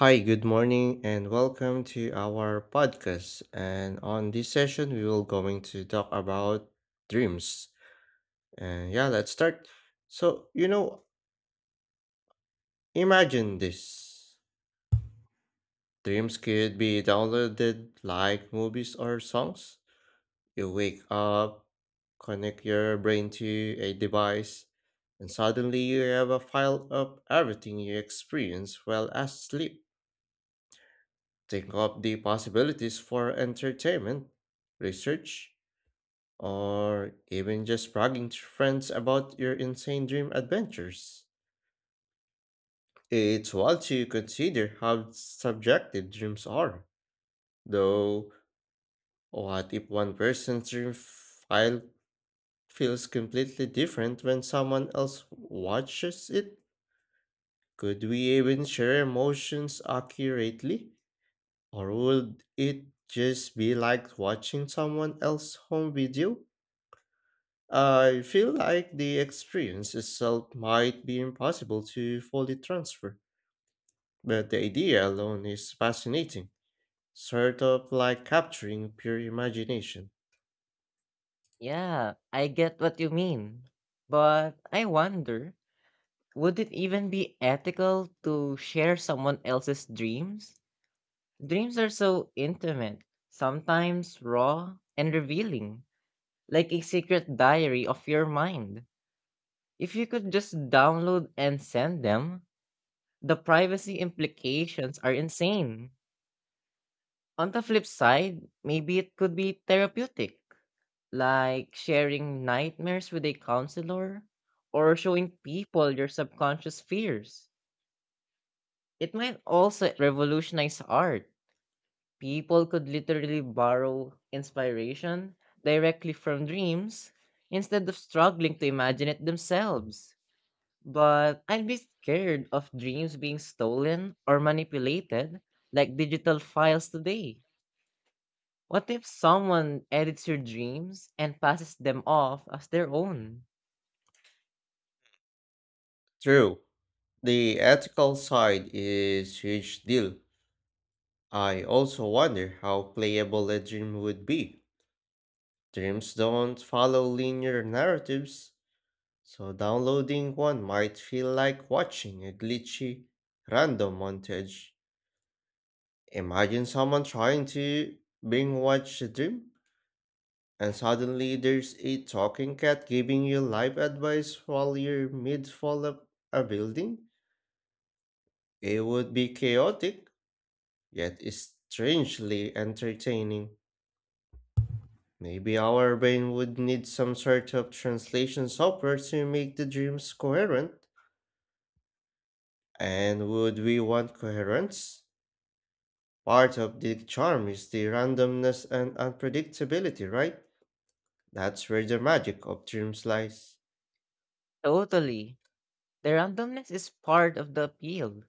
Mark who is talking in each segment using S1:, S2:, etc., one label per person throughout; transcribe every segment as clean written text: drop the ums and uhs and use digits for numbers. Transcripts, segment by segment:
S1: Hi, good morning, and welcome to our podcast. And on this session, we will going to talk about dreams. And yeah, let's start. So, you know, imagine this. Dreams could be downloaded like movies or songs. You wake up, connect your brain to a device, and suddenly you have a file of everything you experience while asleep. Think of the possibilities for entertainment, research, or even just bragging to friends about your insane dream adventures. It's wild to consider how subjective dreams are. Though, what if one person's dream file feels completely different when someone else watches it? Could we even share emotions accurately? Or would it just be like watching someone else's home video? I feel like the experience itself might be impossible to fully transfer, but the idea alone is fascinating, sort of like capturing pure imagination.
S2: Yeah, I get what you mean. But I wonder, would it even be ethical to share someone else's dreams? Dreams are so intimate, sometimes raw and revealing, like a secret diary of your mind. If you could just download and send them, the privacy implications are insane. On the flip side, maybe it could be therapeutic like sharing nightmares with a counselor or showing people your subconscious fears. It might also revolutionize art. People could literally borrow inspiration directly from dreams instead of struggling to imagine it themselves. But I'd be scared of dreams being stolen or manipulated like digital files today. What if someone edits your dreams and passes them off as their own?
S1: True, the ethical side is huge deal. I also wonder how playable a dream would be. Dreams don't follow linear narratives, so downloading one might feel like watching a glitchy random montage. Imagine someone trying to binge watch a dream, and suddenly there's a talking cat giving you life advice while you're mid fall of a building. It would be chaotic, yet strangely entertaining. Maybe our brain would need some sort of translation software to make the dreams coherent. And would we want coherence? Part of the charm is the randomness and unpredictability, right? That's where the magic of dreams lies.
S2: Totally. The randomness is part of the appeal.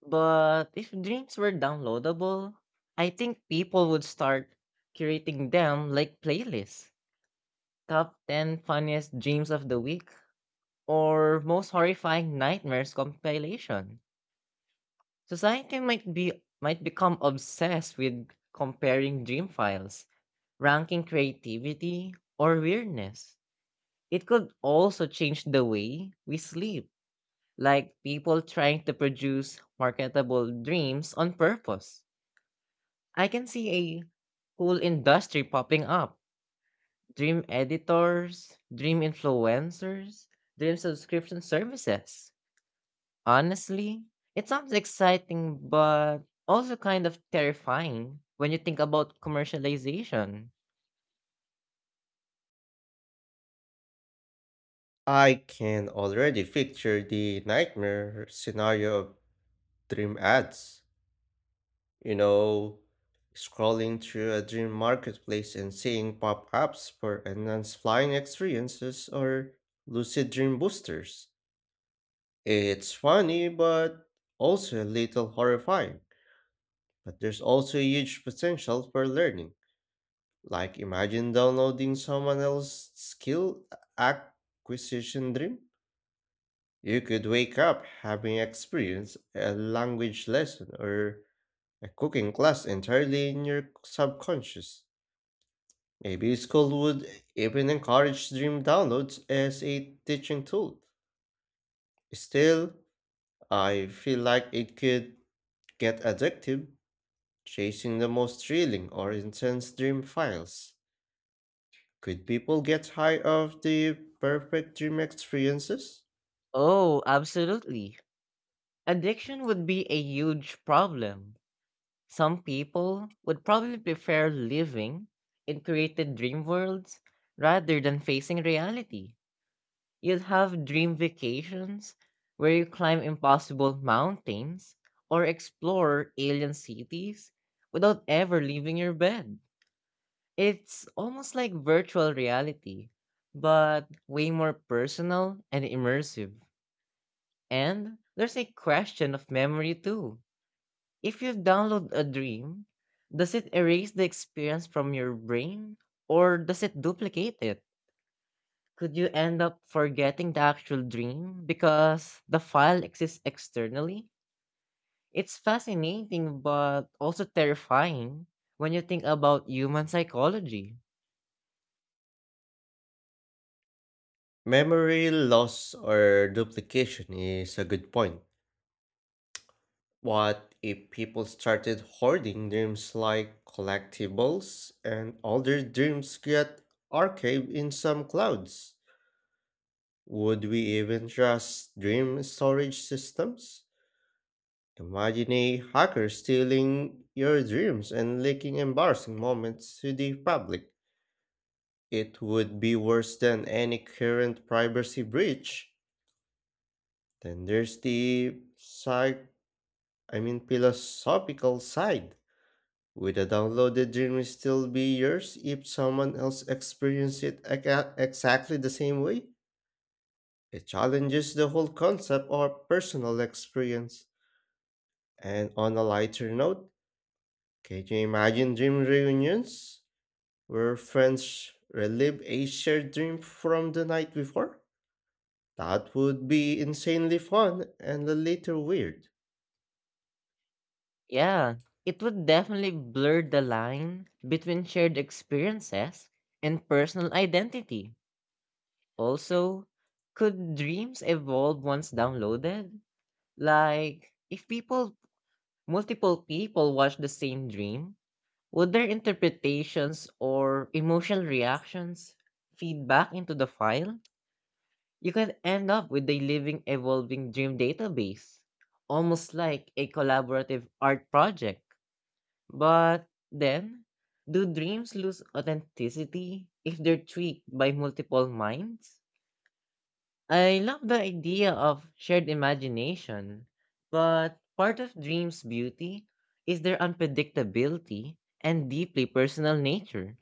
S2: But if dreams were downloadable, I think people would start curating them like playlists. Top 10 funniest dreams of the week or most horrifying nightmares compilation. Society might become obsessed with comparing dream files, ranking creativity or weirdness. It could also change the way we sleep like people trying to produce marketable dreams on purpose. I can see a whole industry popping up dream editors, dream influencers, dream subscription services. Honestly, it sounds exciting, but also kind of terrifying when you think about commercialization.
S1: I can already picture the nightmare scenario of dream ads. You know, scrolling through a dream marketplace and seeing pop ups for enhanced flying experiences or lucid dream boosters. It's funny, but also a little horrifying. But there's also a huge potential for learning. Like, imagine downloading someone else's skill acquisition dream. You could wake up having experienced a language lesson or a cooking class entirely in your subconscious. Maybe school would even encourage dream downloads as a teaching tool. Still, I feel like it could get addictive, chasing the most thrilling or intense dream files. Could people get high of the perfect dream experiences?
S2: Oh, absolutely. Addiction would be a huge problem. Some people would probably prefer living in created dream worlds rather than facing reality. You'll have dream vacations where you climb impossible mountains or explore alien cities without ever leaving your bed. It's almost like virtual reality, but way more personal and immersive. And there's a question of memory too if you download a dream, does it erase the experience from your brain or does it duplicate it? Could you end up forgetting the actual dream because the file exists externally? It's fascinating but also terrifying when you think about human psychology.
S1: Memory loss or duplication is a good point. What if people started hoarding dreams like collectibles and older dreams get archived in some clouds? Would we even trust dream storage systems? Imagine a hacker stealing your dreams and leaking embarrassing moments to the public. It would be worse than any current privacy breach. Then there's the psych I mean philosophical side. Would a downloaded dream still be yours if someone else experienced it exactly the same way? It challenges the whole concept of personal experience. And on a lighter note, can you imagine dream reunions where friends relive a shared dream from the night before? That would be insanely fun and a little weird.
S2: Yeah, it would definitely blur the line between shared experiences and personal identity. Also, could dreams evolve once downloaded? Like, if people, multiple people watch the same dream, would their interpretations or emotional reactions feed back into the file? You could end up with a living, evolving dream database, almost like a collaborative art project. But then, do dreams lose authenticity if they're tweaked by multiple minds? I love the idea of shared imagination, but part of dreams' beauty is their unpredictability and deeply personal nature.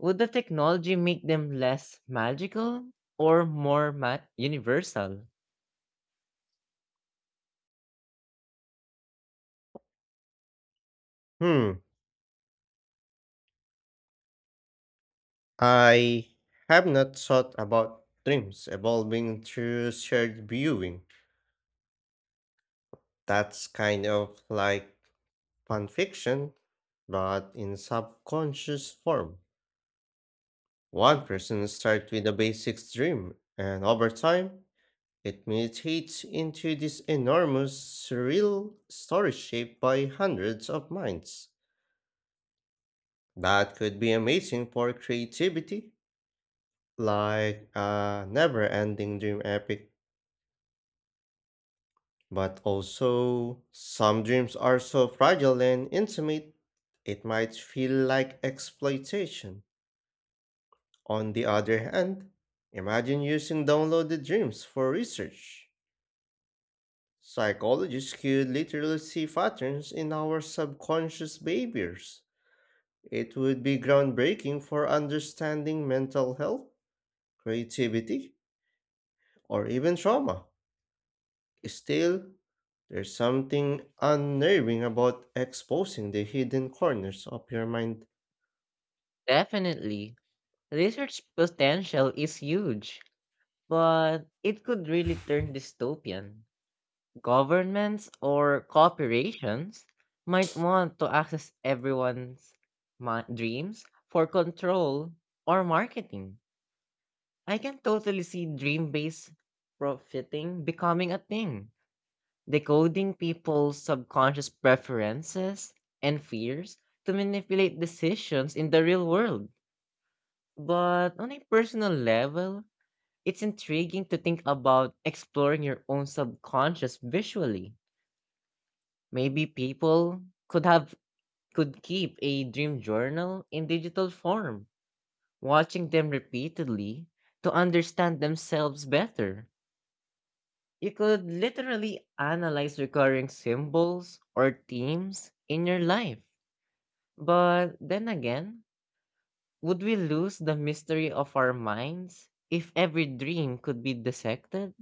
S2: Would the technology make them less magical or universal?
S1: Hmm, I have not thought about dreams evolving through shared viewing. That's kind of like fan fiction, but in subconscious form. One person starts with a basic dream, and over time, it mutates into this enormous, surreal story shaped by hundreds of minds. That could be amazing for creativity, like a never ending dream epic. But also, some dreams are so fragile and intimate, it might feel like exploitation. On the other hand, imagine using downloaded dreams for research. Psychologists could literally see patterns in our subconscious behaviors. It would be groundbreaking for understanding mental health, creativity, or even trauma. Still, there's something unnerving about exposing the hidden corners of your mind.
S2: Definitely. Research potential is huge, but it could really turn dystopian. Governments or corporations might want to access everyone's dreams for control or marketing. I can totally see dream based profiting becoming a thing, decoding people's subconscious preferences and fears to manipulate decisions in the real world. But on a personal level, it's intriguing to think about exploring your own subconscious visually. Maybe people could have could keep a dream journal in digital form, watching them repeatedly to understand themselves better. You could literally analyze recurring symbols or themes in your life. But then again, would we lose the mystery of our minds if every dream could be dissected?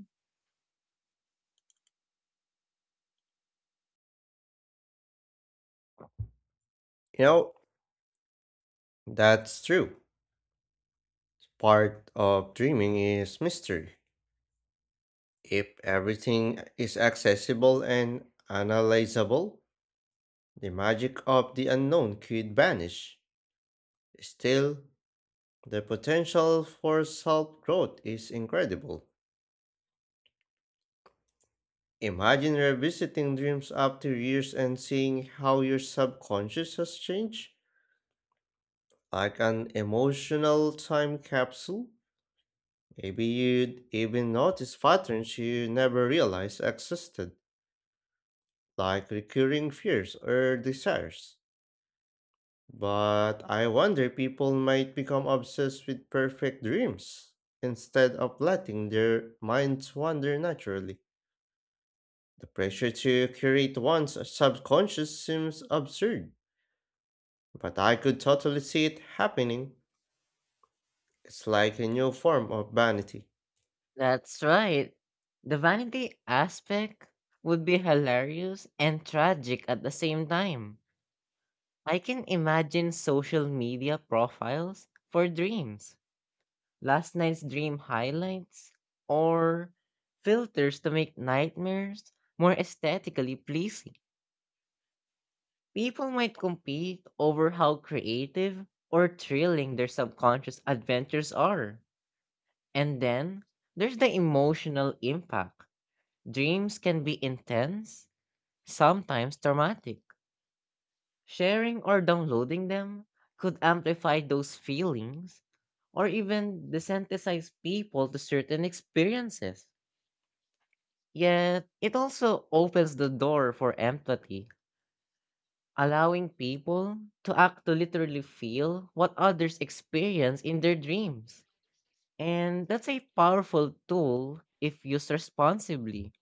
S1: You know, that's true. Part of dreaming is mystery. If everything is accessible and analyzable, the magic of the unknown could vanish. Still, the potential for self growth is incredible. Imagine revisiting dreams after years and seeing how your subconscious has changed. Like an emotional time capsule? Maybe you'd even notice patterns you never realized existed, like recurring fears or desires. But I wonder people might become obsessed with perfect dreams instead of letting their minds wander naturally. The pressure to curate one's subconscious seems absurd, but I could totally see it happening. It's like a new form of vanity.
S2: That's right. The vanity aspect would be hilarious and tragic at the same time. I can imagine social media profiles for dreams, last night's dream highlights, or filters to make nightmares more aesthetically pleasing. People might compete over how creative or thrilling their subconscious adventures are. And then there's the emotional impact. Dreams can be intense, sometimes traumatic. Sharing or downloading them could amplify those feelings or even desensitize people to certain experiences. Yet, it also opens the door for empathy, allowing people to literally feel what others experience in their dreams. And that's a powerful tool if used responsibly.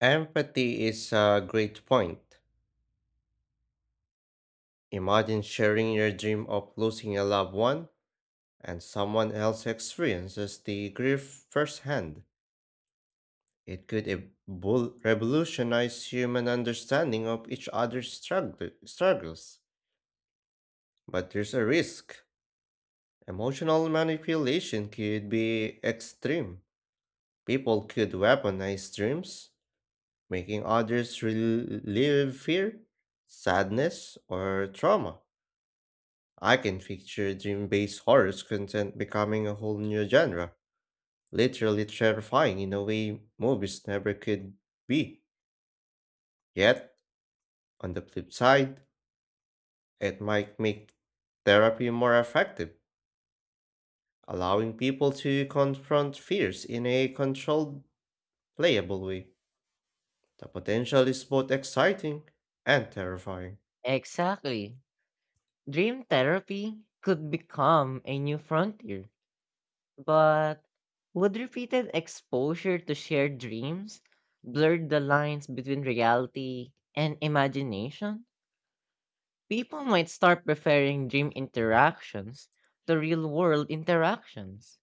S1: Empathy is a great point. Imagine sharing your dream of losing a loved one and someone else experiences the grief firsthand. It could revolutionize human understanding of each other's struggles. But there's a risk. Emotional manipulation could be extreme. People could weaponize dreams, making others relive fear, sadness, or trauma. I can picture dream based horror content becoming a whole new genre, literally terrifying in a way movies never could be. Yet, on the flip side, it might make therapy more effective, allowing people to confront fears in a controlled, playable way. The potential is both exciting and terrifying.
S2: Exactly. Dream therapy could become a new frontier. But would repeated exposure to shared dreams blur the lines between reality and imagination? People might start preferring dream interactions to real world interactions.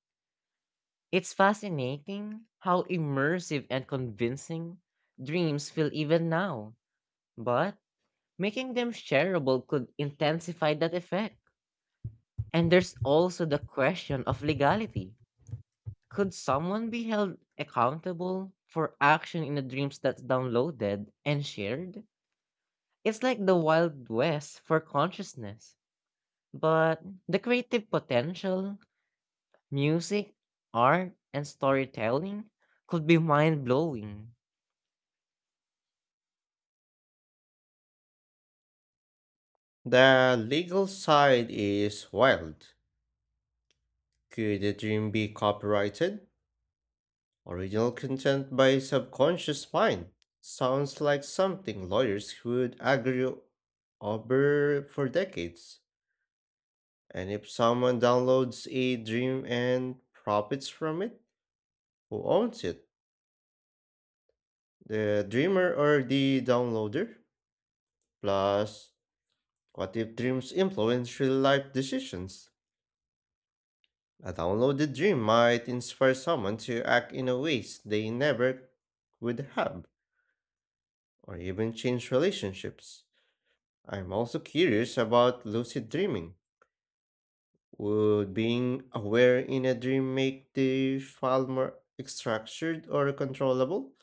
S2: It's fascinating how immersive and convincing dreams feel even now, but making them shareable could intensify that effect. And there's also the question of legality. Could someone be held accountable for action in the dreams that's downloaded and shared? It's like the Wild West for consciousness, but the creative potential, music, art, and storytelling could be mind blowing.
S1: The legal side is wild. Could a dream be copyrighted? Original content by subconscious mind sounds like something lawyers would argue over for decades. And if someone downloads a dream and profits from it, who owns it? The dreamer or the downloader? Plus, what if dreams influence real life decisions? A downloaded dream might inspire someone to act in a ways they never would have, or even change relationships. I'm also curious about lucid dreaming. Would being aware in a dream make the fall more structured or controllable?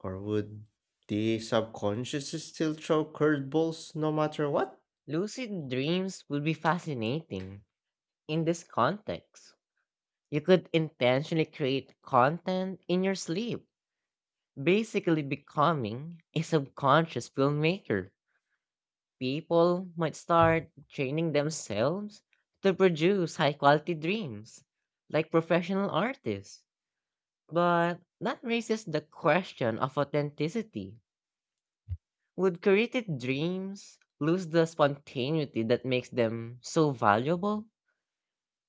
S1: Or would the subconscious still throw curveballs no matter what?
S2: Lucid dreams would be fascinating in this context. You could intentionally create content in your sleep, basically becoming a subconscious filmmaker. People might start training themselves to produce high quality dreams, like professional artists. But that raises the question of authenticity. Would created dreams lose the spontaneity that makes them so valuable?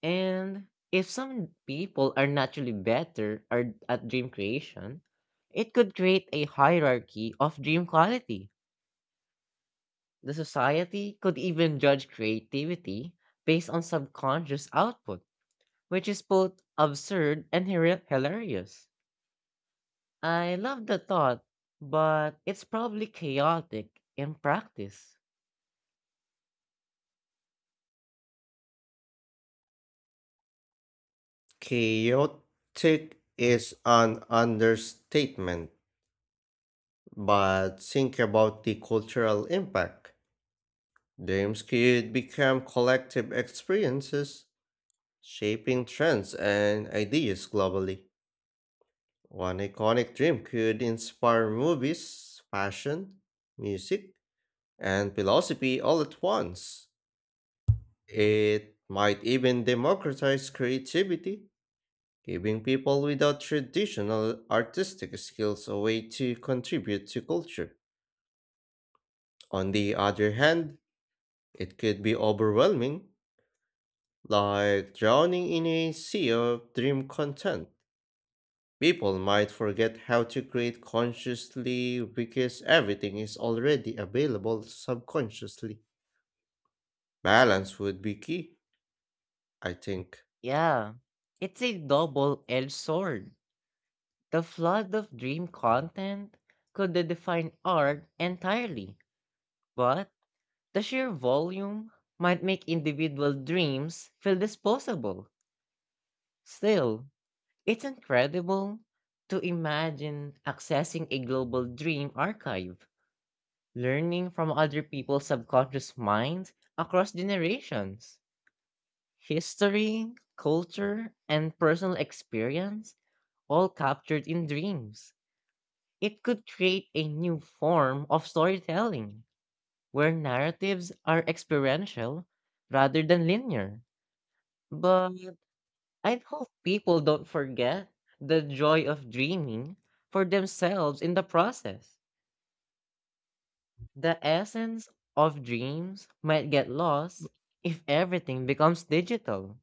S2: And if some people are naturally at dream creation, it could create a hierarchy of dream quality. The society could even judge creativity based on subconscious output, which is both absurd and hilarious. I love the thought, but it's probably chaotic in practice.
S1: Chaotic is an understatement, but think about the cultural impact. Dreams could become collective experiences, shaping trends and ideas globally. One iconic dream could inspire movies, fashion, music, and philosophy all at once. It might even democratize creativity, giving people without traditional artistic skills a way to contribute to culture. On the other hand, it could be overwhelming, like drowning in a sea of dream content. People might forget how to create consciously because everything is already available subconsciously. Balance would be key, I think.
S2: Yeah, it's a double edged sword. The flood of dream content could define art entirely, but the sheer volume might make individual dreams feel disposable. Still, it's incredible to imagine accessing a global dream archive, learning from other people's subconscious minds across generations. History, culture, and personal experience all captured in dreams. It could create a new form of storytelling where narratives are experiential rather than linear. But I hope people don't forget the joy of dreaming for themselves in the process. The essence of dreams might get lost if everything becomes digital.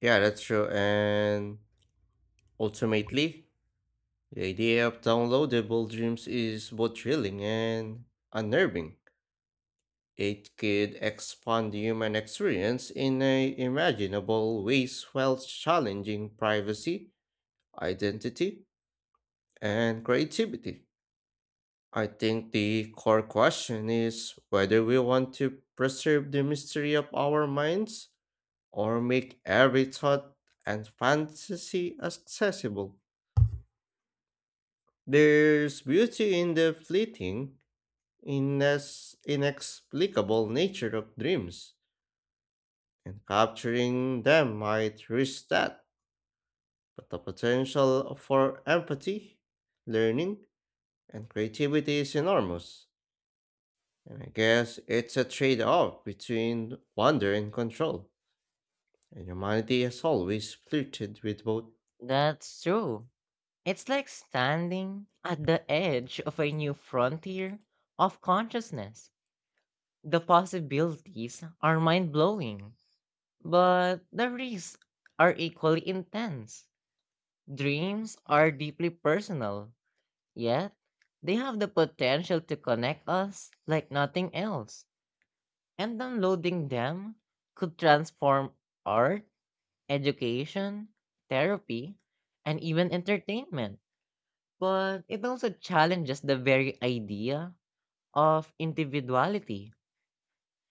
S1: Yeah, that's true. And ultimately, the idea of downloadable dreams is both thrilling and unnerving. It could expand the human experience in a imaginable ways while challenging privacy, identity, and creativity. I think the core question is whether we want to preserve the mystery of our minds or make every thought and fantasy accessible. There's beauty in the fleeting, inexplicable nature of dreams, and capturing them might reach that. But the potential for empathy, learning, and creativity is enormous. And I guess it's a trade off between wonder and control, and humanity has always flirted with both.
S2: That's true. It's like standing at the edge of a new frontier of consciousness. The possibilities are mind blowing, but the risks are equally intense. Dreams are deeply personal. Yet, they have the potential to connect us like nothing else, and downloading them could transform art, education, therapy, and even entertainment. But it also challenges the very idea of individuality.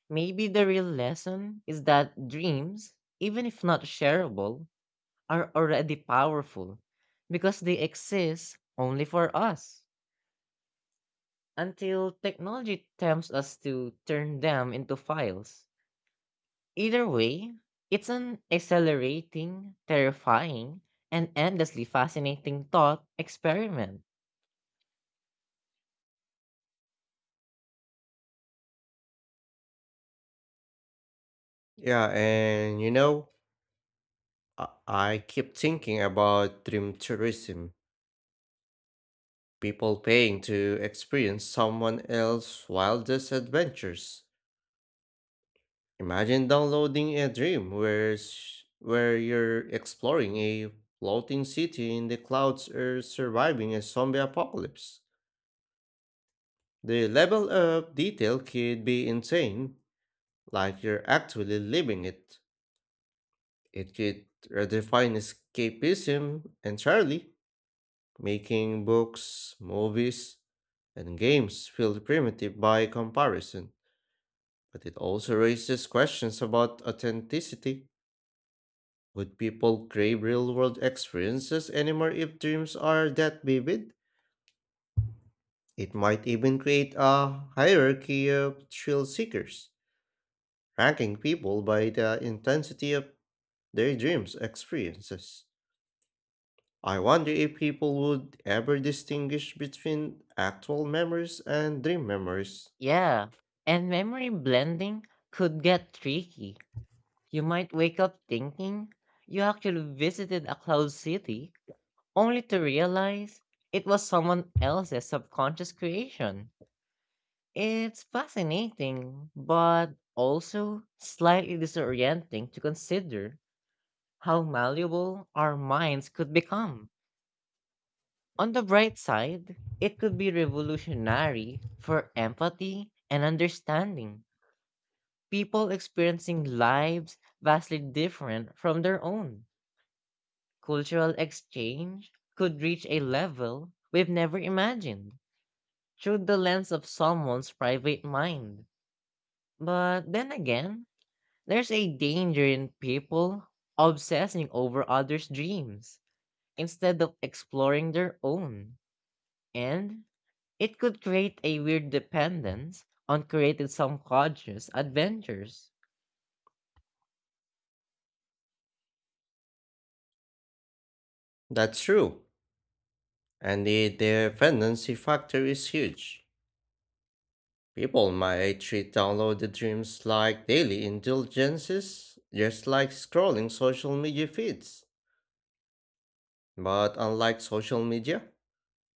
S2: Maybe the real lesson is that dreams, even if not shareable, are already powerful because they exist only for us, until technology tempts us to turn them into files. Either way, it's an accelerating, terrifying, and endlessly fascinating thought experiment.
S1: Yeah, and you know, I keep thinking about dream tourism people paying to experience someone else's wildest adventures. Imagine downloading a dream where you're exploring a floating city in the clouds or surviving a zombie apocalypse. The level of detail could be insane, like you're actually living it. It could redefine escapism entirely, making books, movies, and games feel primitive by comparison. But it also raises questions about authenticity. Would people crave real world experiences anymore if dreams are that vivid? It might even create a hierarchy of thrill seekers, ranking people by the intensity of their dreams' experiences. I wonder if people would ever distinguish between actual memories and dream memories.
S2: Yeah, and memory blending could get tricky. You might wake up thinking you actually visited a cloud city, only to realize it was someone else's subconscious creation. It's fascinating, but also slightly disorienting to consider how malleable our minds could become. On the bright side, it could be revolutionary for empathy and understanding. People experiencing lives vastly different from their own. Cultural exchange could reach a level we've never imagined through the lens of someone's private mind. But then again, there's a danger in people obsessing over others' dreams instead of exploring their own. And it could create a weird dependence on creating subconscious adventures.
S1: That's true, and the dependency factor is huge. People might treat downloaded dreams like daily indulgences, just like scrolling social media feeds. But unlike social media,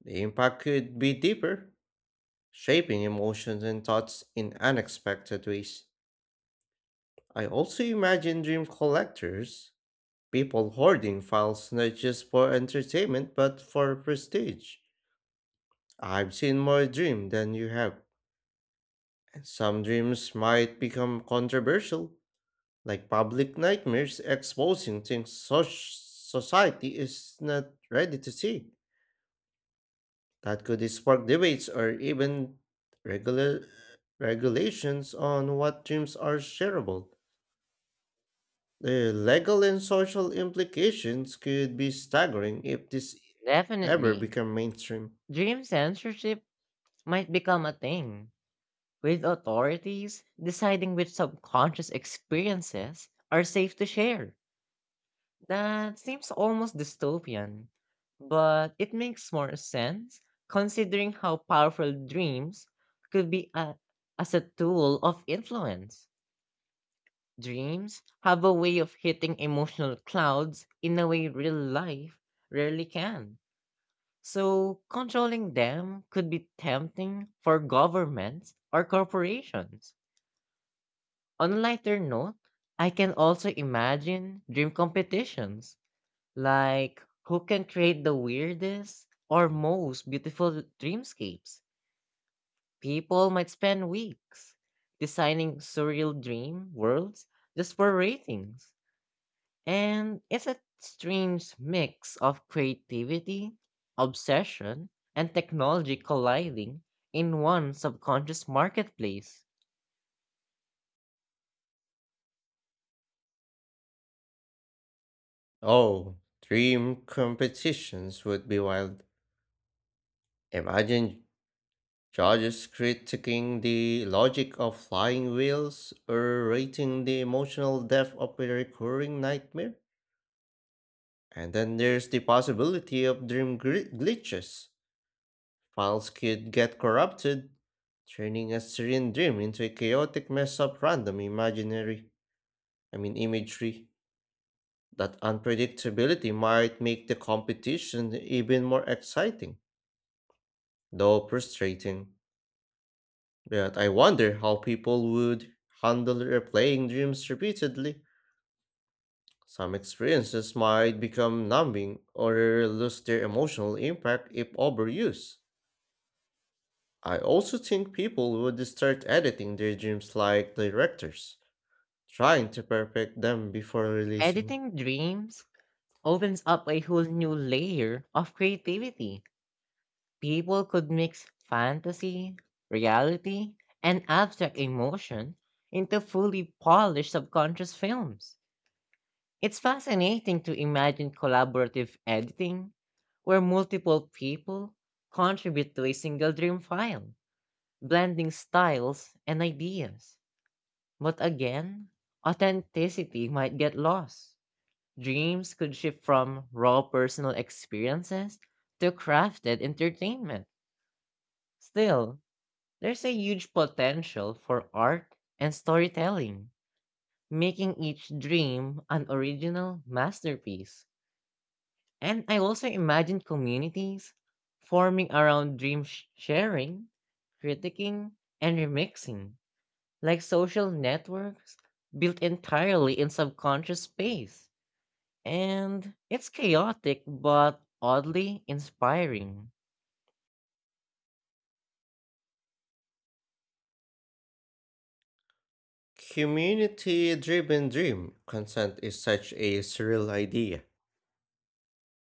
S1: the impact could be deeper, shaping emotions and thoughts in unexpected ways. I also imagine dream collectors people hoarding files not just for entertainment but for prestige. I've seen more dream than you have, and some dreams might become controversial, like public nightmares exposing things society is not ready to see. That could spark debates or even regular regulations on what dreams are shareable. The legal and social implications could be staggering if this ever
S2: Definitely,
S1: become mainstream.
S2: dream censorship might become a thing, with authorities deciding which subconscious experiences are safe to share. That seems almost dystopian, but it makes more sense considering how powerful dreams could be a, as a tool of influence. Dreams have a way of hitting emotional clouds in a way real life rarely can. So, controlling them could be tempting for governments or corporations. On a lighter note, I can also imagine dream competitions. Like, who can create the weirdest or most beautiful dreamscapes? People might spend weeks designing surreal dream worlds just for ratings. And it's a strange mix of creativity, obsession, and technology colliding in one subconscious marketplace.
S1: Oh, dream competitions would be wild. Imagine judges critiquing the logic of flying wheels or rating the emotional depth of a recurring nightmare. And then there's the possibility of dream glitches. Files could get corrupted, turning a serene dream into a chaotic mess of random imaginary, I mean imagery. That unpredictability might make the competition even more exciting. Though frustrating, but I wonder how people would handle replaying dreams repeatedly. Some experiences might become numbing or lose their emotional impact if overused. I also think people would start editing their dreams like directors, trying to perfect them before releasing.
S2: Editing dreams opens up a whole new layer of creativity. People could mix fantasy, reality, and abstract emotion into fully polished subconscious films. It's fascinating to imagine collaborative editing, where multiple people contribute to a single dream file, blending styles and ideas. But again, authenticity might get lost. Dreams could shift from raw personal experiences to crafted entertainment. Still, there's a huge potential for art and storytelling, making each dream an original masterpiece. And I also imagine communities forming around sharing, critiquing, and remixing, like social networks built entirely in subconscious space. And it's chaotic but oddly inspiring.
S1: Community driven dream content is such a surreal idea.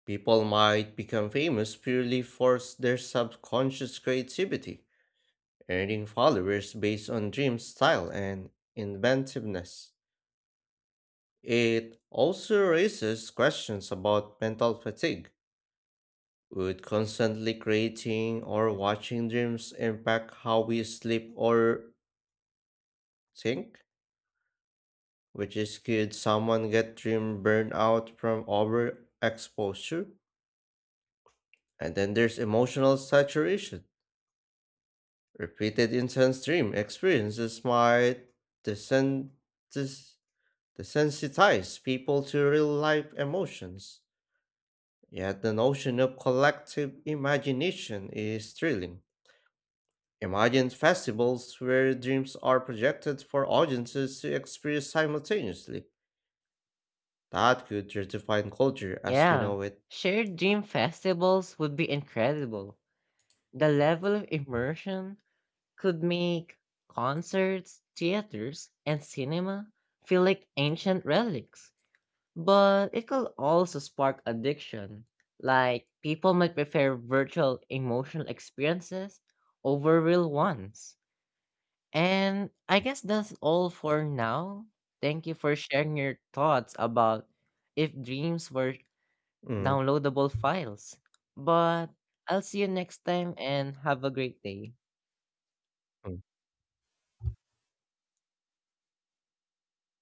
S1: People might become famous purely for their subconscious creativity. Earning followers based on dream style and inventiveness. It also raises questions about mental fatigue. Would constantly creating or watching dreams impact how we sleep or think? Which is could someone get dream burnout from overexposure? And then there's emotional saturation. Repeated intense dream experiences might descend des- they sensitize people to real life emotions. Yet the notion of collective imagination is thrilling. Imagine festivals where dreams are projected for audiences to experience simultaneously. That could redefine culture as we
S2: Yeah,
S1: know it.
S2: shared dream festivals would be incredible. The level of immersion could make concerts, theaters, and cinema feel like ancient relics, but it could also spark addiction. Like, people might prefer virtual emotional experiences over real ones. And I guess that's all for now. Thank you for sharing your thoughts about if dreams were
S1: Mm.
S2: downloadable files. But I'll see you next time and have a great day.
S1: Mm.